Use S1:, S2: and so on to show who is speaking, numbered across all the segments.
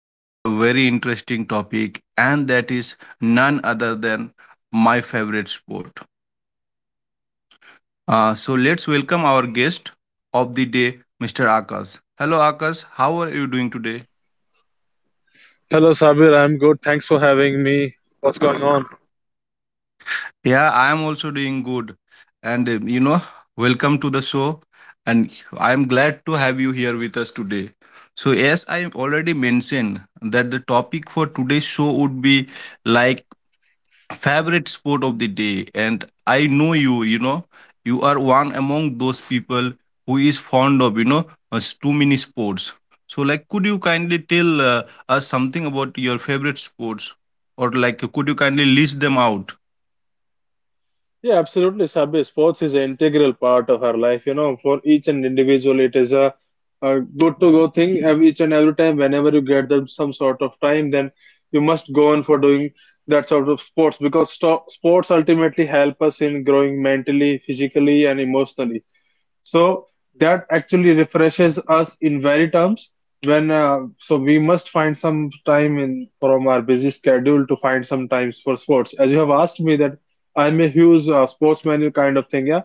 S1: about a very interesting topic, and that is none other than my favorite sport. So let's welcome our guest of the day, Mr. Akash. Hello, Akash. How are you doing today?
S2: Hello, Sabir. I'm good. Thanks for having me. What's going on?
S1: Yeah, I am also doing good. And uh, you know, Welcome to the show. And I am glad to have you here with us today. So, as I already mentioned, that the topic for today's show would be like favorite sport of the day. And I know you are one among those people who is fond of, too many sports. So, like, could you kindly tell us something about your favorite sports? Or, like, could you kindly list them out?
S2: Yeah, absolutely, Sabi. Sports is an integral part of our life. You know, for each and individual, it is a good to go thing. Each and every time, whenever you get them some sort of time, then you must go on for doing that sort of sports because sto sports ultimately help us in growing mentally, physically, and emotionally. So that actually refreshes us in very terms when we must find some time in from our busy schedule to find some times for sports. As you have asked me that I'm a huge sports menu kind of thing. Yeah.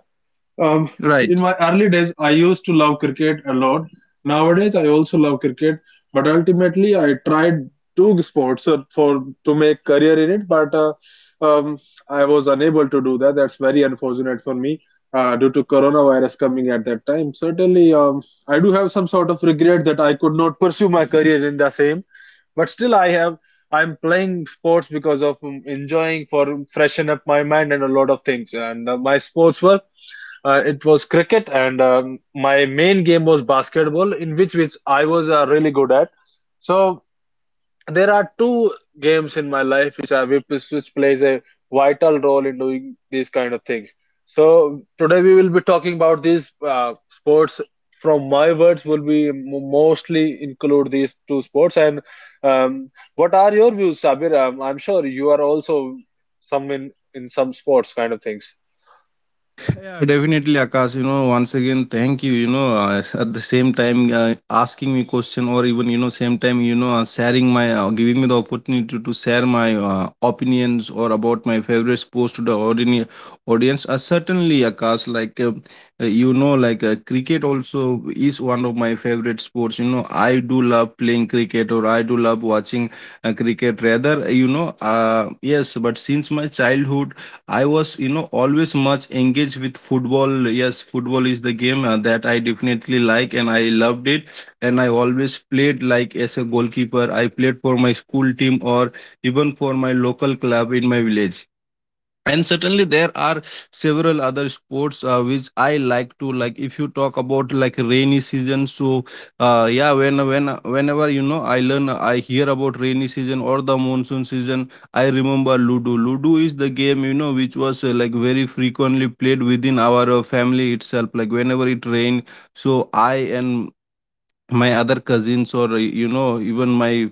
S2: Um, in
S1: Right.
S2: my early days, I used to love cricket a lot. Nowadays, I also love cricket, but ultimately, I tried two sports for to make career in it, but uh, um, I was unable to do that. That's very unfortunate for me due to coronavirus coming at that time. Certainly, I do have some sort of regret that I could not pursue my career in the same, but still, I have. I'm playing sports because of enjoying for freshen up my mind and a lot of things. And my sports work. It was cricket, and my main game was basketball, in which I was really good at. So there are two games in my life which plays a vital role in doing these kind of things. So today we will be talking about these sports. From my words, will be mostly include these two sports. And what are your views, Sabir? I'm sure you are also some in some sports kind of things.
S1: Yeah, definitely, Akash. You know, once again, thank you. At the same time, asking me question, or even same time, sharing giving me the opportunity to share my opinions or about my favorite sports to the ordinary audience. Certainly, Akash, cricket also is one of my favorite sports. You know, I do love playing cricket, or I do love watching cricket. Rather, yes, but since my childhood, I was, always much engaged with football. Yes, football is the game that I definitely like, and I loved it. And I always played like as a goalkeeper. I played for my school team or even for my local club in my village, and certainly there are several other sports which I like to. Like, if you talk about like rainy season, so uh, yeah when when whenever I hear about rainy season or the monsoon season, I remember ludo. Ludo is the game, you know, which was like very frequently played within our family itself, like whenever it rained. So I and my other cousins, or, even my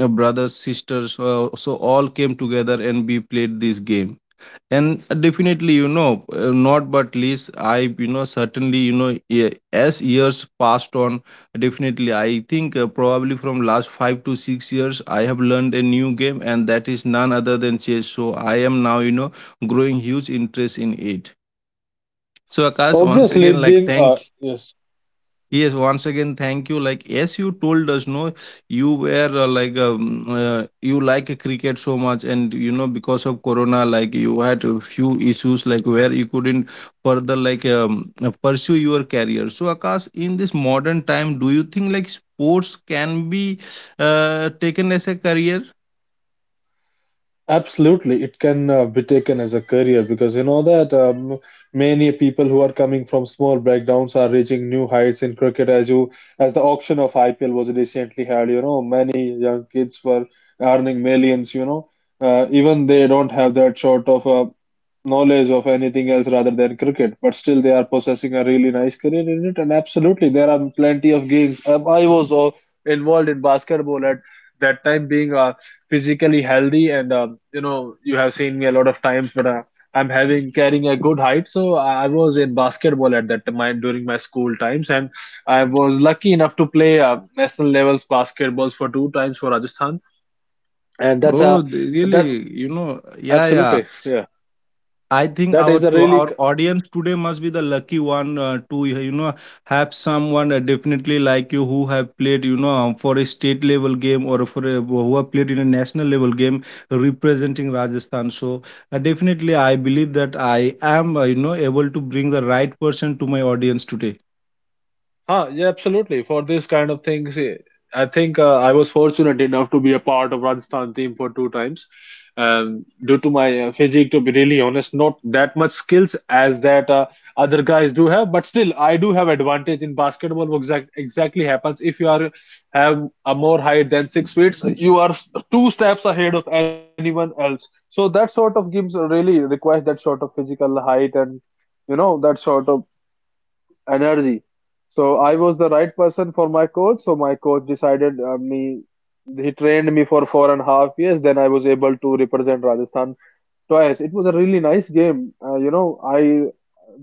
S1: brothers, sisters, so all came together and we played this game. And definitely, you know, not but least, I, you know, certainly, as years passed on, definitely I think probably from last 5 to 6 years I have learned a new game, and that is none other than chess. So I am now, you know, growing huge interest in it. So Akash, once
S2: Obviously,
S1: again, like, thank—
S2: yes,
S1: Yes,
S2: mhm.
S1: once again, thank you. Like, yes, you told us, no, you were you like cricket so much, and you know, because of Corona, like, you had a few issues, like, where you couldn't further, pursue your career. So, Akash, in this modern time, do you think, like, sports can be taken as a career?
S2: Absolutely, it can be taken as a career because you know that many people who are coming from small backgrounds are reaching new heights in cricket. As the auction of IPL was recently held, you know, many young kids were earning millions. You know, even they don't have that sort of knowledge of anything else rather than cricket, but still they are possessing a really nice career in it. And absolutely, there are plenty of gigs. I was involved in basketball at that time, being physically healthy, and you know you have seen me a lot of times, but I'm having carrying a good height, so I was in basketball at that time during my school times, and I was lucky enough to play national levels basketballs for two times for Rajasthan, and that's a that
S1: Really? You know. Yeah, yeah.
S2: absolutely yeah
S1: I think
S2: that
S1: our—
S2: is a
S1: to
S2: really
S1: our audience today must be the lucky one to, you know, have someone definitely like you who have played, you know, for a state level game, or for a— who have played in a national level game representing Rajasthan. So definitely, I believe that I am, able to bring the right person to my audience today.
S2: huh, yeah, absolutely. For this kind of things, I think I was fortunate enough to be a part of Rajasthan team for two times. Due to my physique, to be really honest, not that much skills as that other guys do have, but still, I do have advantage in basketball. What exactly happens if you are have a more height than 6 feet, you are two steps ahead of anyone else. So that sort of games really requires that sort of physical height and you know that sort of energy. So I was the right person for my coach. So my coach decided me. He trained me for four and a half years. Then I was able to represent Rajasthan twice. It was a really nice game. You know, I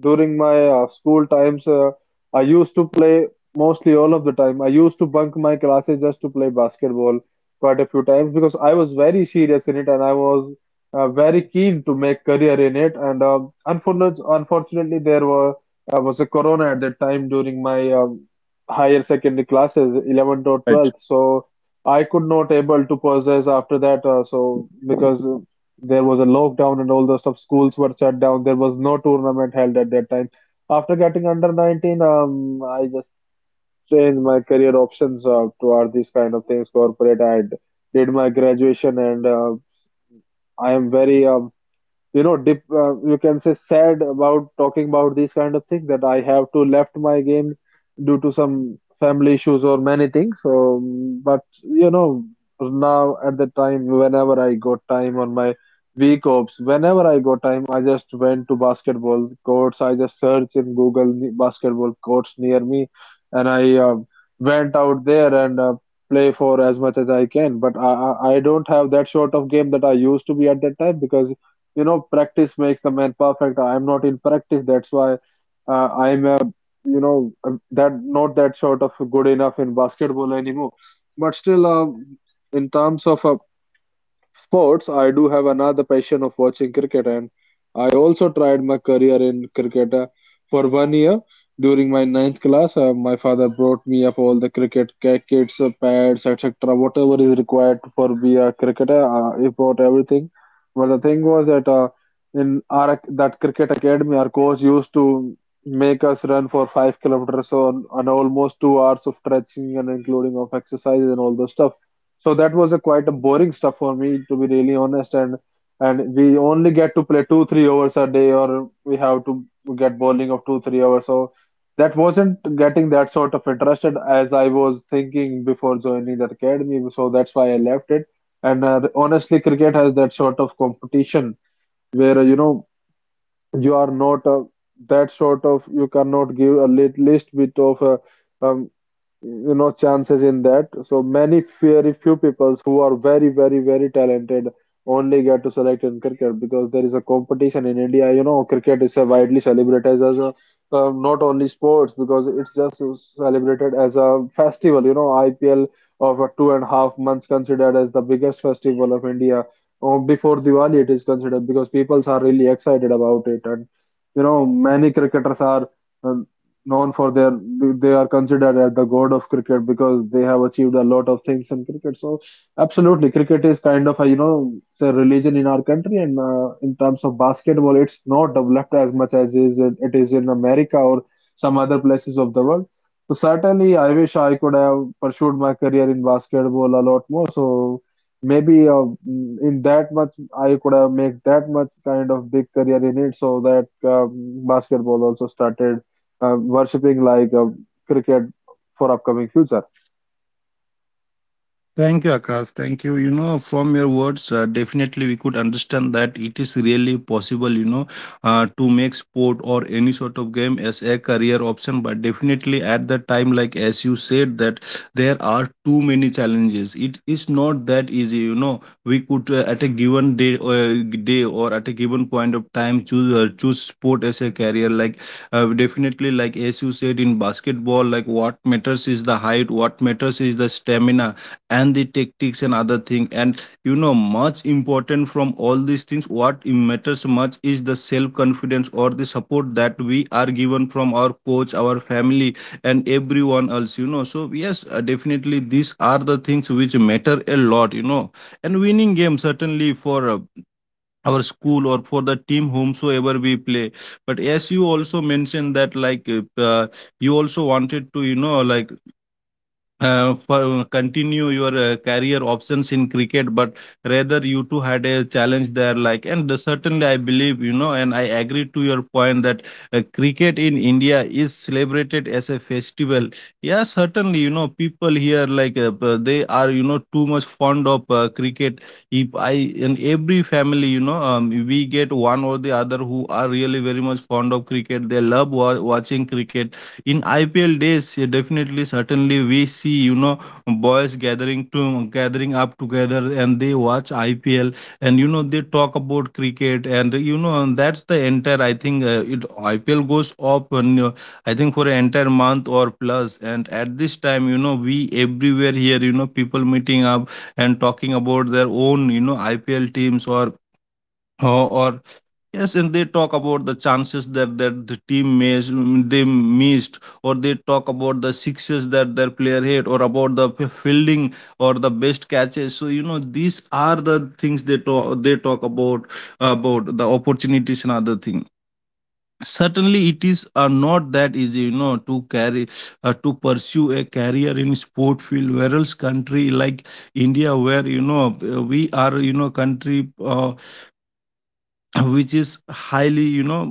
S2: during my school times, I used to play mostly all of the time. I used to bunk my classes just to play basketball quite a few times because I was very serious in it and I was very keen to make career in it. And unfortunately, there were was a corona at that time during my higher secondary classes, 11th or 12th. So I could not able to possess after that. So because there was a lockdown and all the stuff. Schools were shut down. There was no tournament held at that time. After getting under 19, I just changed my career options toward these kind of things, corporate. Did my graduation and I am very you know dip you can say sad about talking about these kind of things that I have to left my game due to some family issues or many things, but you know now at the time whenever I got time on my week offs, whenever I got time I just went to basketball courts, I just searched in Google basketball courts near me, and I went out there and play for as much as I can, but I don't have that sort of game that I used to be at that time because you know practice makes the man perfect. I'm not in practice. That's why I'm a you know that not that sort of good enough in basketball anymore, but still in terms of sports, I do have another passion of watching cricket and I also tried my career in cricket for 1 year. During my 9th class, my father brought me up all the cricket kits, pads, etc., whatever is required for be a cricketer. He brought everything. But the thing was that in our that cricket academy, our coach used to make us run for 5 kilometers on almost 2 hours of stretching and including of exercises and all the stuff. So that was a quite a boring stuff for me, to be really honest. And we only get to play two, 3 hours a day, or we have to get bowling of two, 3 hours. So that wasn't getting that sort of interested as I was thinking before joining that academy. So that's why I left it. And honestly, cricket has that sort of competition where you know you are not that sort of, you cannot give a least bit of a um, you know chances in that, so many very few people who are very very very talented only get to select in cricket because there is a competition in India. You know, cricket is a widely celebrated as a not only sports because it's just celebrated as a festival. You know, IPL of a two and a half months considered as the biggest festival of India or before Diwali it is considered because peoples are really excited about it. And you know many cricketers are uh, known for their, they are considered as the god of cricket because they have achieved a lot of things in cricket. So absolutely cricket is kind of a you know it's a religion in our country. And in terms of basketball, it's not developed as much as it is in America or some other places of the world. So certainly I wish I could have pursued my career in basketball a lot more. So maybe in that much I could have made that much kind of big career in it, so that um, basketball also started worshipping like cricket for upcoming future.
S1: Yeah, thank you, Akash. Thank you. You know, from your words, definitely we could understand that it is really possible, you know, to make sport or any sort of game as a career option. But definitely at the time, like as you said, that there are too many challenges. It is not that easy, you know. We could, at a given day, or at a given point of time, choose sport as a career. Definitely, like as you said, in basketball, like what matters is the height, what matters is the stamina and the tactics and other thing. And you know, much important from all these things, matters much is the self confidence or the support that we are given from our coach, our family and everyone else, you know. So yes, definitely these are the things which matter a lot, you know. And winning game, certainly for our school or for the team whomsoever we play. But as you also mentioned that, like uh, you also wanted to, you know, like for continue your career options in cricket, but rather you two had a challenge there. Like, and certainly I believe, you know, and I agree to your point that cricket in India is celebrated as a festival. Yeah, certainly, you know, people here they are, you know, too much fond of cricket. If I— in every family, you know, we get one or the other who are really very much fond of cricket. They love watching cricket. In IPL days, yeah, definitely, certainly, we see, you know, boys gathering up together, and they watch IPL, and you know, they talk about cricket, and you know, and that's the entire— I think it IPL goes up, and I think for an entire month or plus. And at this time, you know, we— everywhere here, you know, people meeting up and talking about their own, you know, IPL teams, or— or yes, and they talk about the chances that— that the team miss— they missed, or they talk about the sixes that their player hit, or about the fielding or the best catches. So you know, these are the things they talk about the opportunities and other thing. Certainly, it is not that easy, you know, to carry to pursue a career in sport field. Whereas country like India, where, you know, we are, you know, country which is highly, you know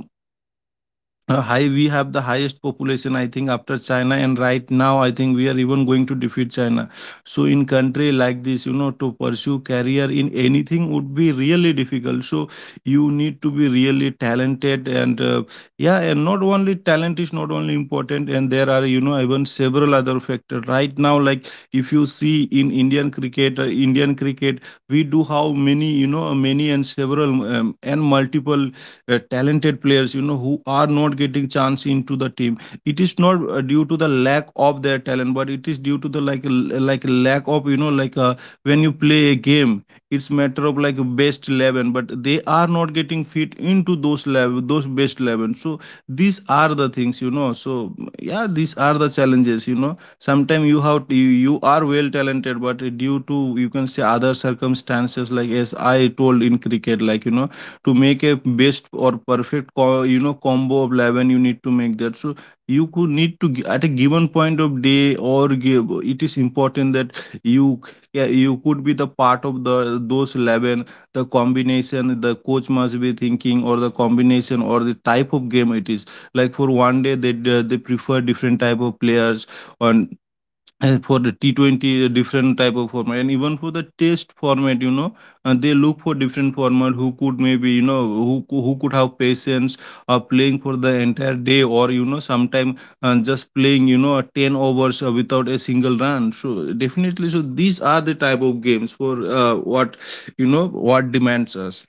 S1: high, we have the highest population, I think, after China, and right now, I think we are even going to defeat China. So in country like this, you know, to pursue career in anything would be really difficult. So, you need to be really talented, and yeah, and not only talent is— not only important, and there are, you know, even several other factors. Right now, like if you see in Indian cricket, we do have many, you know, many and several and multiple talented players, you know, who are not getting chance into the team. It is not due to the lack of their talent, but it is due to the like— like lack of, you know, when you play a game, it's matter of like best 11, but they are not getting fit into those level, those best 11. So these are the things, you know. So yeah, these are the challenges, you know. Sometimes you have— you are well talented, but due to, you can say, other circumstances, like as I told in cricket, like, you know, to make a best or you know combo of 11, you need to make that. So you could need to at a given point of day, or give— it is important that you— yeah, you could be the part of the those 11, the combination the coach must be thinking, or the combination or the type of game it is. Like for one day, they prefer different type of players on, and for the T20, a different type of format, and even for the test format, you know, they look for different format who could maybe, who could have patience playing for the entire day, or you know, sometime just playing, you know, 10 overs without a single run. So definitely, so these are the type of games for what you know what demands us.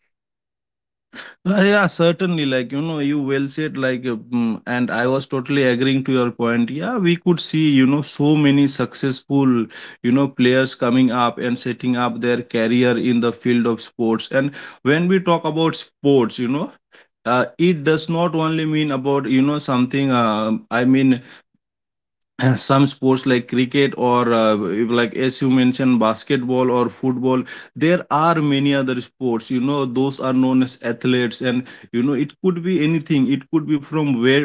S1: Yeah, certainly. Like, you know, you well said, and I was totally agreeing to your point. Yeah, we could see, you know, so many successful, you know, players coming up and setting up their career in the field of sports. And when we talk about sports, you know, it does not only mean about, you know, something, I mean, some sports like cricket, or if like as you mentioned basketball or football, there are many other sports, you know, those are known as athletes. And you know it could be anything, it could be from where,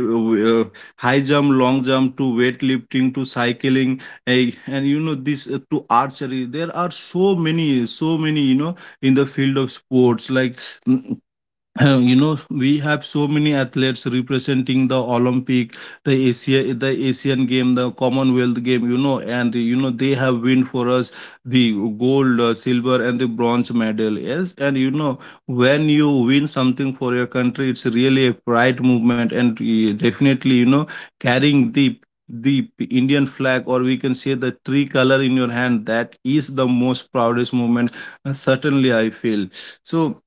S1: uh, high jump, long jump, to weightlifting, to cycling, and you know this to archery. There are so many, so many, you know, in the field of sports, like, mm, you know, we have so many athletes representing the Olympic, the Asia, the Asian Game, the Commonwealth Game, you know. And you know they have win for us the gold, silver, and the bronze medal. Yes, and you know when you win something for your country, it's really a pride movement. And definitely, you know, carrying the Indian flag, or we can say the tree color, in your hand, that is the most proudest moment, certainly I feel. So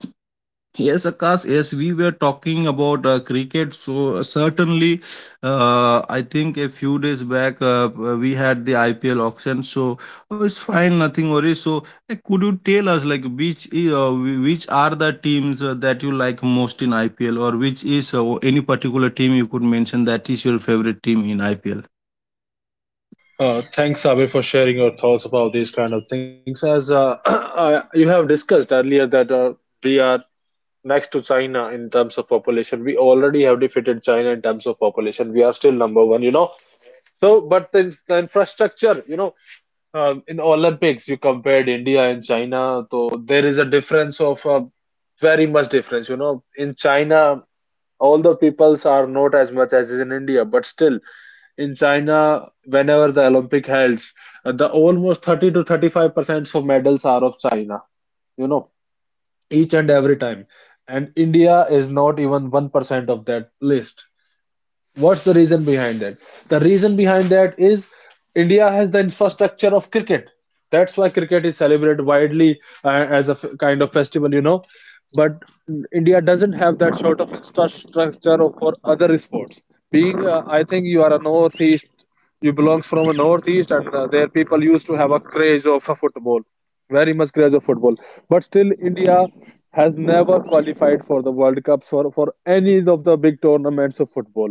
S1: yes, Akash, yes, we were talking about cricket. So, certainly, I think a few days back we had the IPL auction. So, oh, it's fine, nothing worries. So, could you tell us, like, which, which are the teams that you like most in IPL, or which is any particular team you could mention that is your favorite team in IPL?
S2: Thanks, Abhi, for sharing your thoughts about these kind of things. As you have discussed earlier, that we are next to China in terms of population. We already have defeated China in terms of population. We are still number one, you know. So, but the infrastructure, you know, in Olympics, you compared India and China, so there is a difference of very much difference. You know, in China, all the peoples are not as much as is in India, but still. In China, whenever the Olympic held, the almost 30 to 35% of medals are of China, you know, each and every time. And India is not even 1% of that list. What's the reason behind that? The reason behind that is India has the infrastructure of cricket. That's why cricket is celebrated widely as a kind of festival, you know. But India doesn't have that sort of infrastructure for other sports. Being, I think you are a northeast, you belongs from a northeast, and their people used to have a craze of a football, very much craze of football. But still, India has never qualified for the World Cups or for any of the big tournaments of football,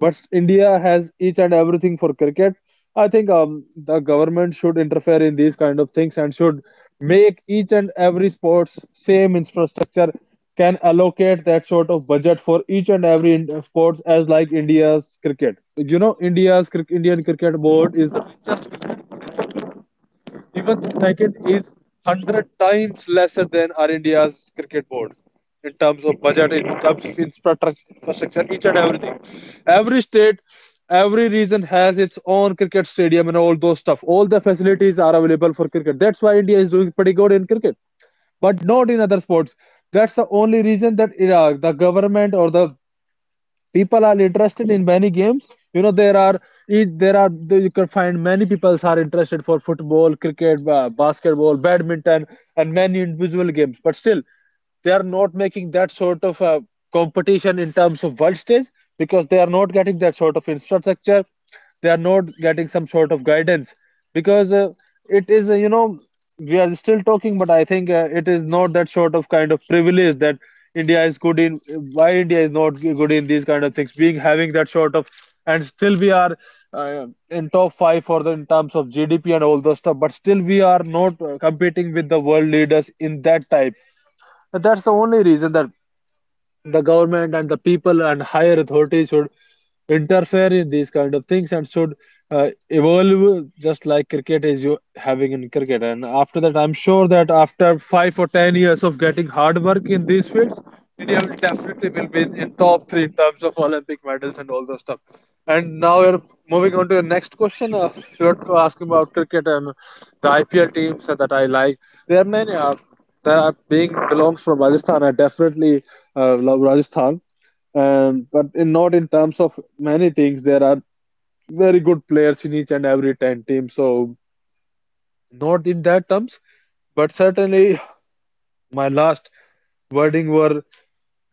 S2: but India has each and everything for cricket. I think the government should interfere in these kind of things and should make each and every sports same infrastructure, can allocate that sort of budget for each and every sports as like India's cricket. You know, India's Indian cricket board is the richest. Even the second is 100 times lesser than our India's cricket board in terms of budget, in terms of infrastructure, each and everything. Every state, every region has its own cricket stadium and all those stuff. All the facilities are available for cricket. That's why India is doing pretty good in cricket, but not in other sports. That's the only reason that the government or the people are interested in many games. you know there are there are, you can find, many people are interested for football, cricket, basketball, badminton, and many individual games, but still they are not making that sort of competition in terms of world stage, because they are not getting that sort of infrastructure, they are not getting some sort of guidance, because it is you know we are still talking, but I think it is not that sort of kind of privilege that India is good in. Why India is not good in these kind of things? Being having that sort of, and still we are in top five for the in terms of GDP and all those stuff, but still we are not competing with the world leaders in that type. But that's the only reason that the government and the people and higher authorities should interfere in these kind of things and should evolve just like cricket is you having in cricket. And after that I'm sure that after 5 or 10 years of getting hard work in these fields, India will definitely will be in top 3 in terms of Olympic medals and all those stuff. And now we're moving on to the next question. You're asking about cricket and the IPL teams that I like. There are many that are being belongs from Rajasthan. I definitely love Rajasthan. And but in not in terms of many things, there are very good players in each and every 10 team. So not in that terms, but certainly my last wording were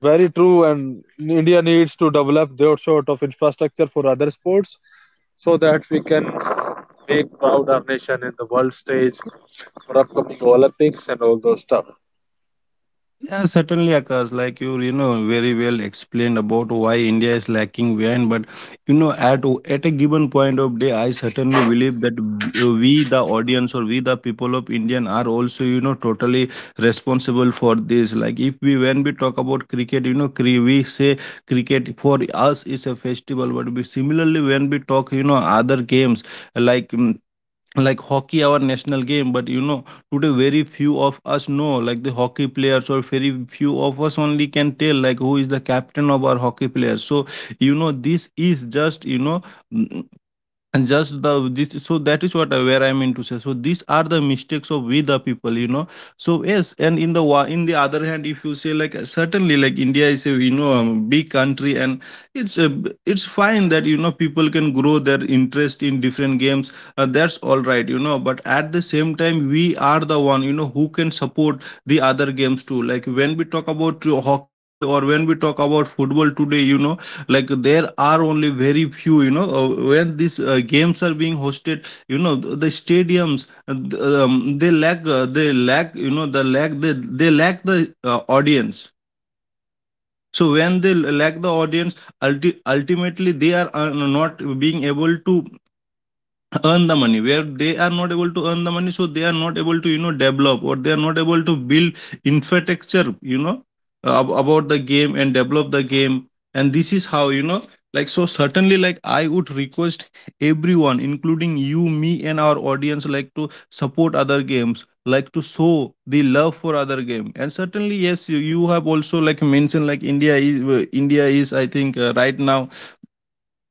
S2: very true. And India needs to develop their sort of infrastructure for other sports so that we can make proud our nation in the world stage for upcoming Olympics and all those stuff.
S1: Yeah, certainly, Akash. Like, you know, very well explained about why India is lacking behind. But you know, at a given point of day, I certainly believe that we, the audience, or we, the people of Indian, are also, you know, totally responsible for this. Like if we when we talk about cricket, you know, we say cricket for us is a festival. But we, similarly, when we talk, you know, other games, like, like hockey, our national game. But you know today very few of us know like the hockey players, or very few of us only can tell like who is the captain of our hockey players. So you know this is just, you know, mm, and just the this so that is what where I mean to say. So these are the mistakes of we the people, you know. So yes, and in the other hand, if you say like, certainly, like, India is a, you know, big country. And it's a, it's fine that you know people can grow their interest in different games, that's all right, you know. But at the same time, we are the one, you know, who can support the other games too. Like when we talk about hockey today, or when we talk about football today, you know, like there are only very few, you know, when these games are being hosted, you know, the stadiums, they lack, they lack the audience. So when they lack the audience, ultimately they are not being able to earn the money. Where they are not able to earn the money, so they are not able to, you know, develop, or they are not able to build infrastructure, you know, about the game, and develop the game. And this is how, you know, like, so certainly, like, I would request everyone, including you, me, and our audience, like to support other games, like to show the love for other game. And certainly yes, you have also like mentioned, like, India is, India is, I think, right now,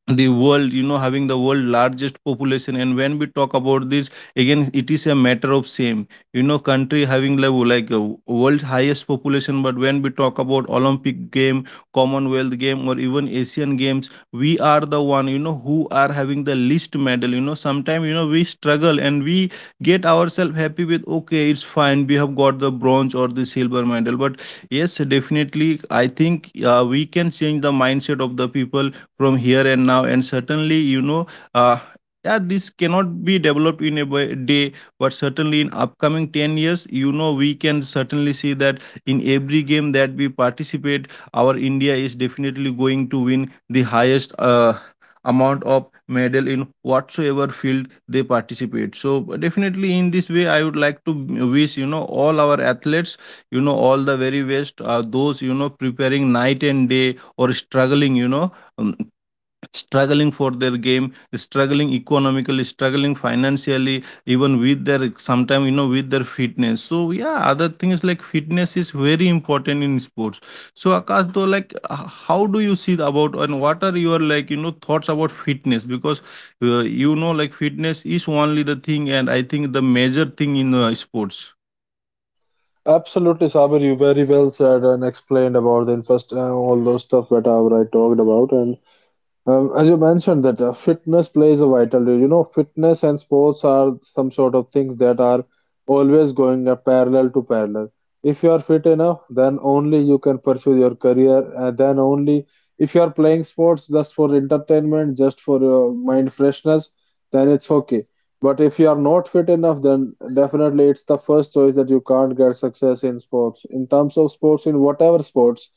S1: the world, you know, having the world largest population. And when we talk about this, again, it is a matter of same, you know, country having level like world's highest population. But when we talk about Olympic game, Commonwealth game, or even Asian games, we are the one, you know, who are having the least medal. You know, sometimes, you know, we struggle, and we get ourselves happy with, okay, it's fine, we have got the bronze or the silver medal. But yes, definitely, I think we can change the mindset of the people from here and now. And certainly, you know, uh, yeah, this cannot be developed in a day. But certainly in upcoming 10 years, you know, we can certainly see that, in every game that we participate, our India is definitely going to win the highest amount of medal in whatsoever field they participate. So definitely, in this way, I would like to wish, you know, all our athletes, you know, all the very best, those, you know, preparing night and day, or struggling, you know, um, struggling for their game, struggling economically, struggling financially, even with their sometimes, you know, with their fitness. So yeah, other things like fitness is very important in sports. So Akash, though, like, how do you see about, and what are your like, you know, thoughts about fitness? Because you know, like, fitness is only the thing, and I think the major thing in sports.
S2: Absolutely, Sabir, you very well said and explained about the infest all those stuff that I talked about, and as you mentioned that fitness plays a vital role. You know, fitness and sports are some sort of things that are always going parallel to parallel. If you are fit enough, then only you can pursue your career, and then only if you are playing sports just for entertainment, just for your mind freshness, then it's okay. But if you are not fit enough, then definitely it's the first choice that you can't get success in sports. In terms of sports, in whatever sports,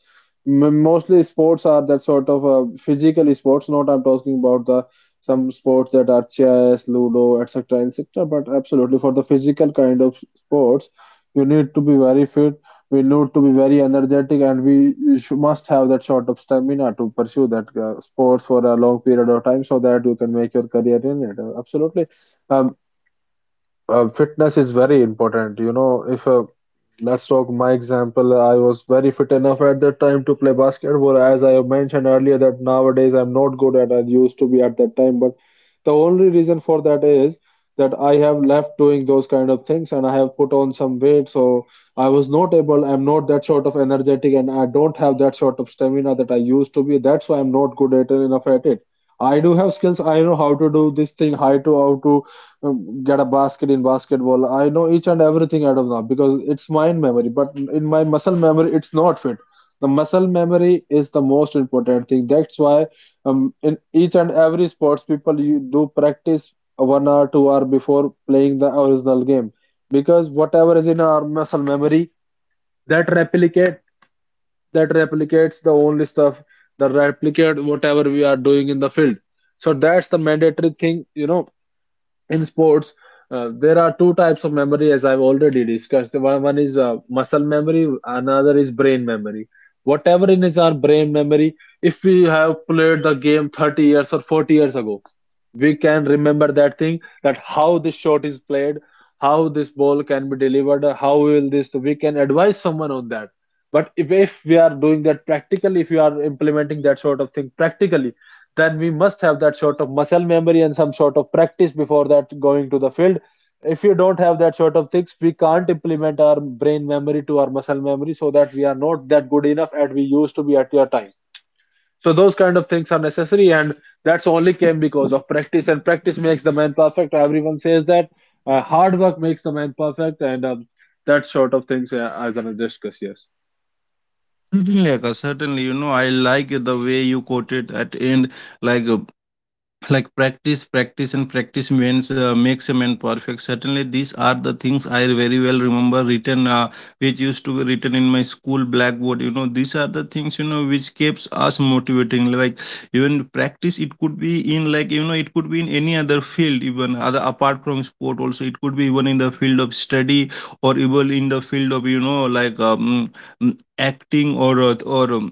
S2: Mostly sports are that sort of physical sports. Not I'm talking about the some sports that are chess, ludo, etc., etc. But absolutely for the physical kind of sports, you need to be very fit. We need to be very energetic, and we must have that sort of stamina to pursue that sports for a long period of time, so that you can make your career in it. Absolutely, um, fitness is very important. You know, if let's talk my example, I was very fit enough at that time to play basketball. As I mentioned earlier, that nowadays I'm not good at I used to be at that time. But the only reason for that is that I have left doing those kind of things and I have put on some weight. So I was not able, I'm not that sort of energetic and I don't have that sort of stamina that I used to be. That's why I'm not good at enough at it. I do have skills. I know how to do this thing, how to get a basket in basketball. I know each and everything out of now because it's mind memory. But in my muscle memory, it's not fit. The muscle memory is the most important thing. That's why in each and every sports people you do practice 1 hour, 2 hour before playing the original game, because whatever is in our muscle memory, that replicate that replicates the only stuff that replicate whatever we are doing in the field. So that's the mandatory thing, you know, in sports, there are two types of memory, as I've already discussed. One is muscle memory, another is brain memory. Whatever in is our brain memory, if we have played the game 30 years or 40 years ago, we can remember that thing, that how this shot is played, how this ball can be delivered, how will this, we can advise someone on that. But if we are doing that practically, if you are implementing that sort of thing practically, then we must have that sort of muscle memory and some sort of practice before that going to the field. If you don't have that sort of things, we can't implement our brain memory to our muscle memory so that we are not that good enough at we used to be at your time. So those kind of things are necessary, and that's only came because of practice. And practice makes the man perfect. Everyone says that hard work makes the man perfect, and that sort of things I'm gonna discuss. Yes.
S1: Certainly, Akash, certainly, you know, I like the way you quoted at end, like, like, practice, practice, and practice means, makes a man perfect. Certainly, these are the things I very well remember written, which used to be written in my school blackboard. You know, these are the things, you know, which keeps us motivating. Like, even practice, it could be, in like, you know, it could be in any other field, even other apart from sport also. It could be even in the field of study, or even in the field of, you know, like, acting, or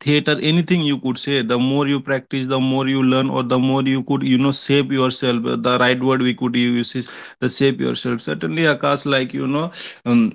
S1: theater, anything you could say. The more you practice, the more you learn, or the more you could, you know, shape yourself. The right word we could use is the shape yourself. Certainly, Akash, like, you know, um,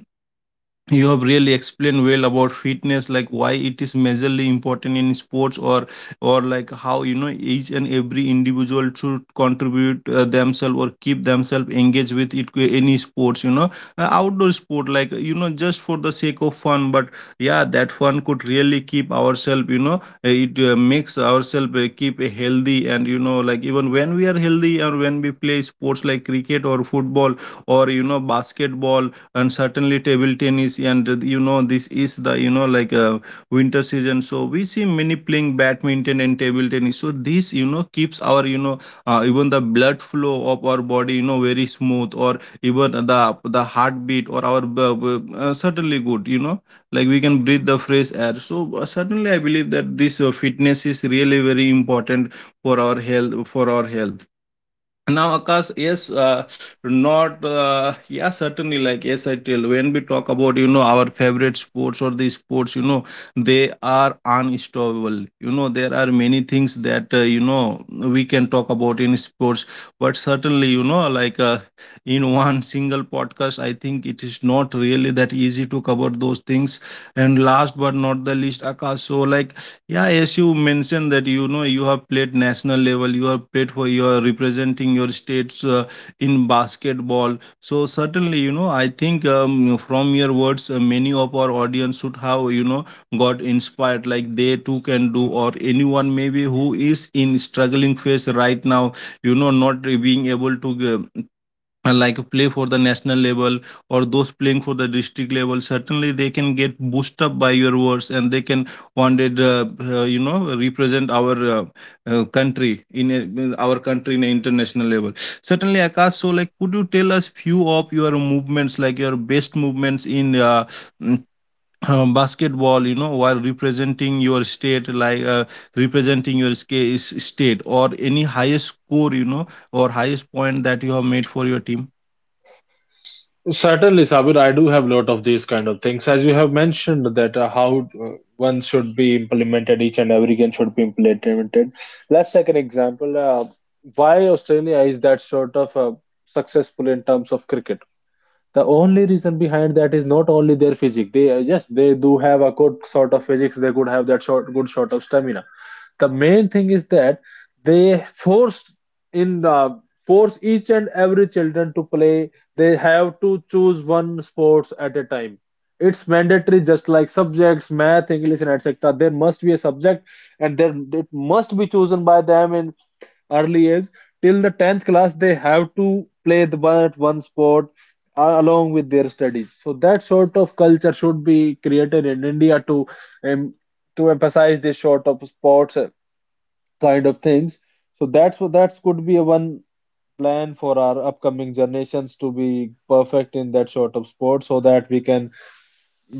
S1: you have really explained well about fitness, like why it is majorly important in sports, or like how, you know, each and every individual should contribute themselves, or keep themselves engaged with it, any sports, you know. Outdoor sport, like, you know, just for the sake of fun. But yeah, that fun could really keep ourselves, you know, it makes ourselves, keep, healthy. And you know, like, even when we are healthy, or when we play sports like cricket, or football, or you know basketball, and certainly table tennis, and you know, this is the, you know, like, winter season. So we see many playing badminton and table tennis, so this, you know, keeps our, you know, even the blood flow of our body, you know, very smooth, or even the heartbeat, or our certainly good, you know. Like we can breathe the fresh air. So certainly I believe that this fitness is really very important for our health, for our health. Now Akash, yes, not, yeah, certainly, like, yes, I tell, when we talk about, you know, our favorite sports, or the sports, you know, they are unstoppable. You know, there are many things that, you know, we can talk about in sports. But certainly, you know, like, in one single podcast, I think it is not really that easy to cover those things. And last but not the least, Akash, so like, yeah, as you mentioned that you know you have played national level, you have played for your representing your states, in basketball. So certainly, you know, I think, from your words, many of our audience should have, you know, got inspired, like they too can do, or anyone maybe who is in struggling phase right now, you know, not being able to give, like play for the national level, or those playing for the district level. Certainly they can get boost up by your words, and they can one day, you know, represent our, country in a, our country in a international level. Certainly, Akash, so like, could you tell us few of your movements, like, your best movements in, mm, basketball, you know, while representing your state, like, representing your state, or any highest score, you know, or highest point that you have made for your team.
S2: Certainly, Sabir, I do have a lot of these kind of things. As you have mentioned that how one should be implemented, each and every game should be implemented. Let's take an example. Why Australia is that sort of successful in terms of cricket? The only reason behind that is not only their physique. They yes, they do have a good sort of physics. They could have that short, good sort of stamina. The main thing is that they force in the force each and every children to play. They have to choose one sports at a time. It's mandatory, just like subjects, math, English, and etc. There must be a subject, and then it must be chosen by them in early age, till the 10th class they have to play the one at one sport along with their studies. So that sort of culture should be created in India um, to emphasize this sort of sports kind of things. So that's what that could be a one plan for our upcoming generations to be perfect in that sort of sport, so that we can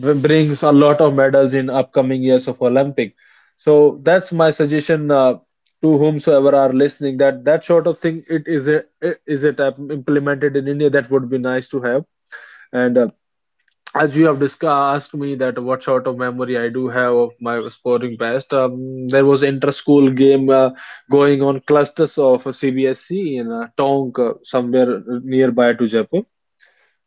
S2: bring a lot of medals in upcoming years of Olympic. So that's my suggestion. To whomsoever are listening, that that sort of thing, it is a it is it implemented in India, that would be nice to have. And as you have discussed asked me that what sort of memory I do have of my sporting past, there was inter-school game going on clusters of CBSE in Tonk, somewhere nearby to Jaipur,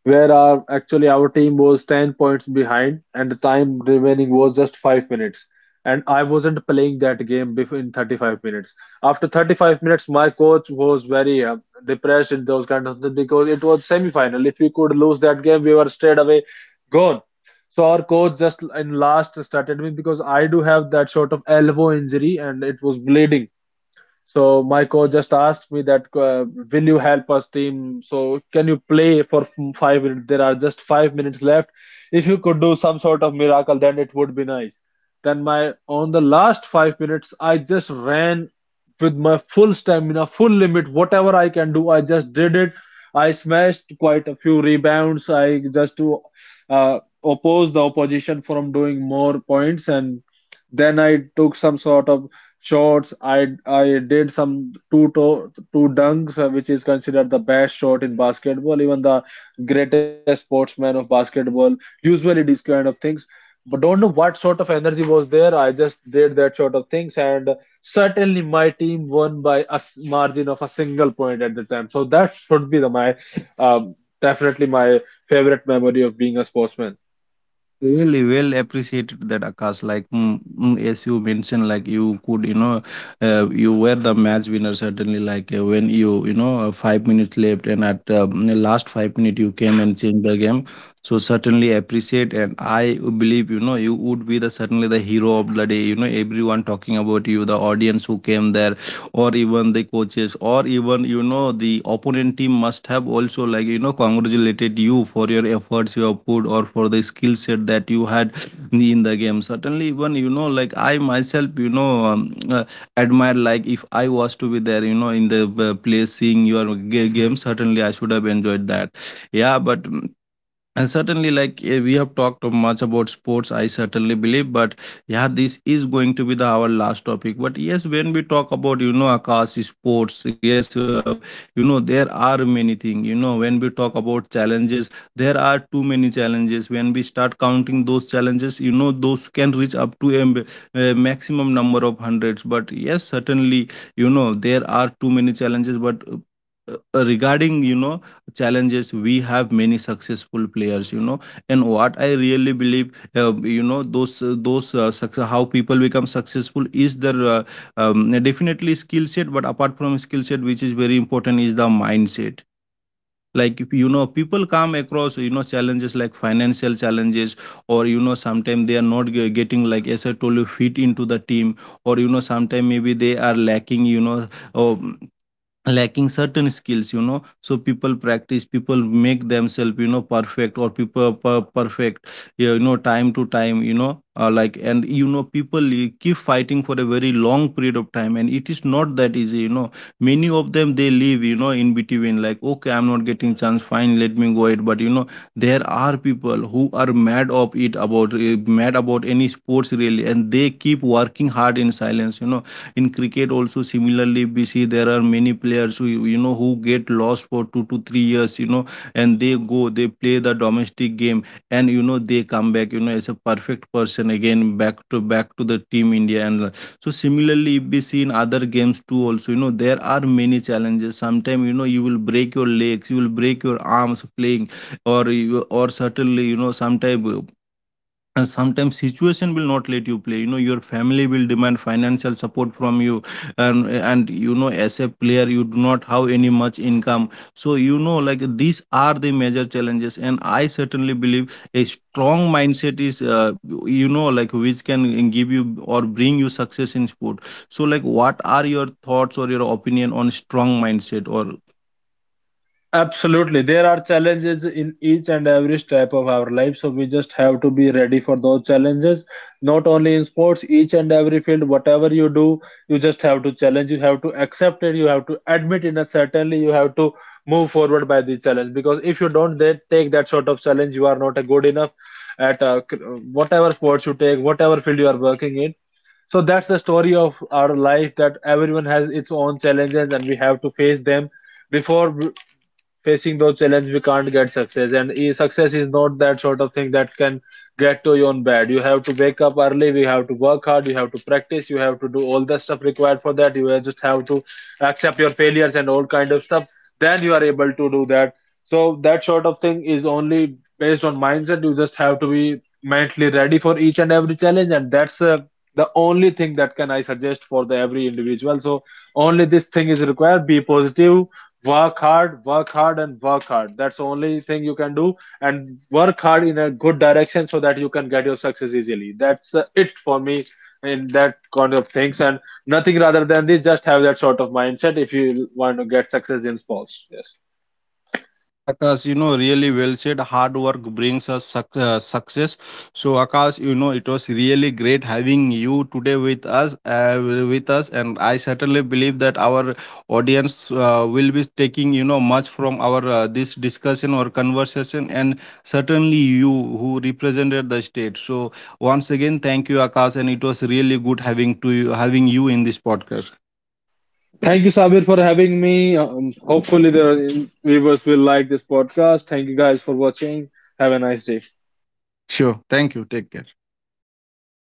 S2: where our actually our team was 10 points behind and the time remaining was just 5 minutes, and I wasn't playing that game before in 35 minutes. After 35 minutes my coach was very depressed in those kind of things because it was semi-final. If we could lose that game, we were straight away gone. So our coach just in last started me because I do have that sort of elbow injury and it was bleeding. So my coach just asked me that, "Will you help us, team? So can you play for 5 minutes? There are just 5 minutes left. If you could do some sort of miracle, then it would be nice." Then my on the last 5 minutes, I just ran with my full stamina, full limit, whatever I can do, I just did it. I smashed quite a few rebounds. I just to oppose the opposition from doing more points, and then I took some sort of shots. I did some two dunks, which is considered the best shot in basketball, even the greatest sportsman of basketball. Usually these kind of things, but don't know what sort of energy was there. I just did that sort of things, and certainly my team won by a margin of a single point at the time. So that should be the my definitely my favorite memory of being a sportsman.
S1: Really well appreciated that, Akash. Like, as you mentioned, like, you could, you know, you were the match winner certainly. Like, when you know, 5 minutes left, and at the last 5 minute, you came and changed the game. So certainly appreciate, and I believe, you know, you would be the certainly the hero of the day. You know, everyone talking about you, the audience who came there, or even the coaches, or even, you know, the opponent team must have also like, you know, congratulated you for your efforts you have put, or for the skill set that you had in the game. Certainly, even, you know, like, I myself, you know, admire, like, if I was to be there, you know, in the place seeing your game, certainly I should have enjoyed that. Yeah but, and certainly, like, we have talked much about sports, I certainly believe. But yeah, this is going to be the our last topic. But yes, when we talk about, you know, Akash, sports, yes, you know, there are many things. You know, when we talk about challenges, there are too many challenges. When we start counting those challenges, you know, those can reach up to a, a maximum number of hundreds. But yes, certainly, you know, there are too many challenges. But regarding, you know, challenges, we have many successful players, you know. And what I really believe, you know, those, success, how people become successful is their, definitely, skill set. But apart from skill set, which is very important, is the mindset. Like, if you know, people come across, you know, challenges, like financial challenges, or you know sometimes they are not getting, like, as I told you, fit into the team, or you know sometimes maybe they are lacking, you know, um, lacking certain skills, you know. So people practice, people make themselves, you know, perfect, or people perfect, you know, time to time, you know, like. And you know, people, keep fighting for a very long period of time, and it is not that easy, you know. Many of them they live, you know, in between, like, okay, I'm not getting chance, fine, let me go it. But you know there are people who are mad of it about, mad about any sports really, and they keep working hard in silence, you know. In cricket also, similarly, we see there are many players who, you know, who get lost for 2 to 3 years, you know. And they go, they play the domestic game, and you know they come back, you know, as a perfect person, again back to the team India. And so similarly, if we see in other games too also, you know, there are many challenges. Sometimes, you know, you will break your legs, you will break your arms playing, or you, or certainly, you know, sometimes, and sometimes situation will not let you play, you know, your family will demand financial support from you. and and you know, as a player, you do not have any much income. So you know, like, these are the major challenges, and I certainly believe a strong mindset is, you know, like, which can give you, or bring you success in sport. So like, what are your thoughts, or your opinion on strong mindset, or?
S2: Absolutely. There are challenges in each and every step of our life, so we just have to be ready for those challenges. Not only in sports, each and every field, whatever you do, you just have to challenge, you have to accept it, you have to admit it, and certainly you have to move forward by the challenge. Because if you don't then take that sort of challenge, you are not a good enough at whatever sports you take, whatever field you are working in. So that's the story of our life, that everyone has its own challenges and we have to face them. Before facing those challenges we can't get success. And success is not that sort of thing that can get to your own bed. You have to wake up early, we have to work hard, you have to practice, you have to do all the stuff required for that. Just have to accept your failures and all kind of stuff, then you are able to do that. So that sort of thing is only based on mindset. You just have to be mentally ready for each and every challenge, and that's the only thing that can I suggest for the every individual. So only this thing is required: be positive, work hard, work hard, and work hard. That's the only thing you can do, and work hard in a good direction so that you can get your success easily. That's it for me in that kind of things, and nothing rather than this. Just have that sort of mindset if you want to get success in sports. Yes.
S1: Yeah, Akash, you know, really well said. Hard work brings us success. So, Akash, you know, it was really great having you today with us, and I certainly believe that our audience will be taking, you know, much from our this discussion, or conversation, and certainly you who represented the state. So once again, thank you, Akash, and it was really good having to you, having you in this podcast.
S2: Thank you, Sabir, for having me. Hopefully the viewers will like this podcast. Thank you guys for watching. Have a nice day.
S1: Sure, thank you. Take care.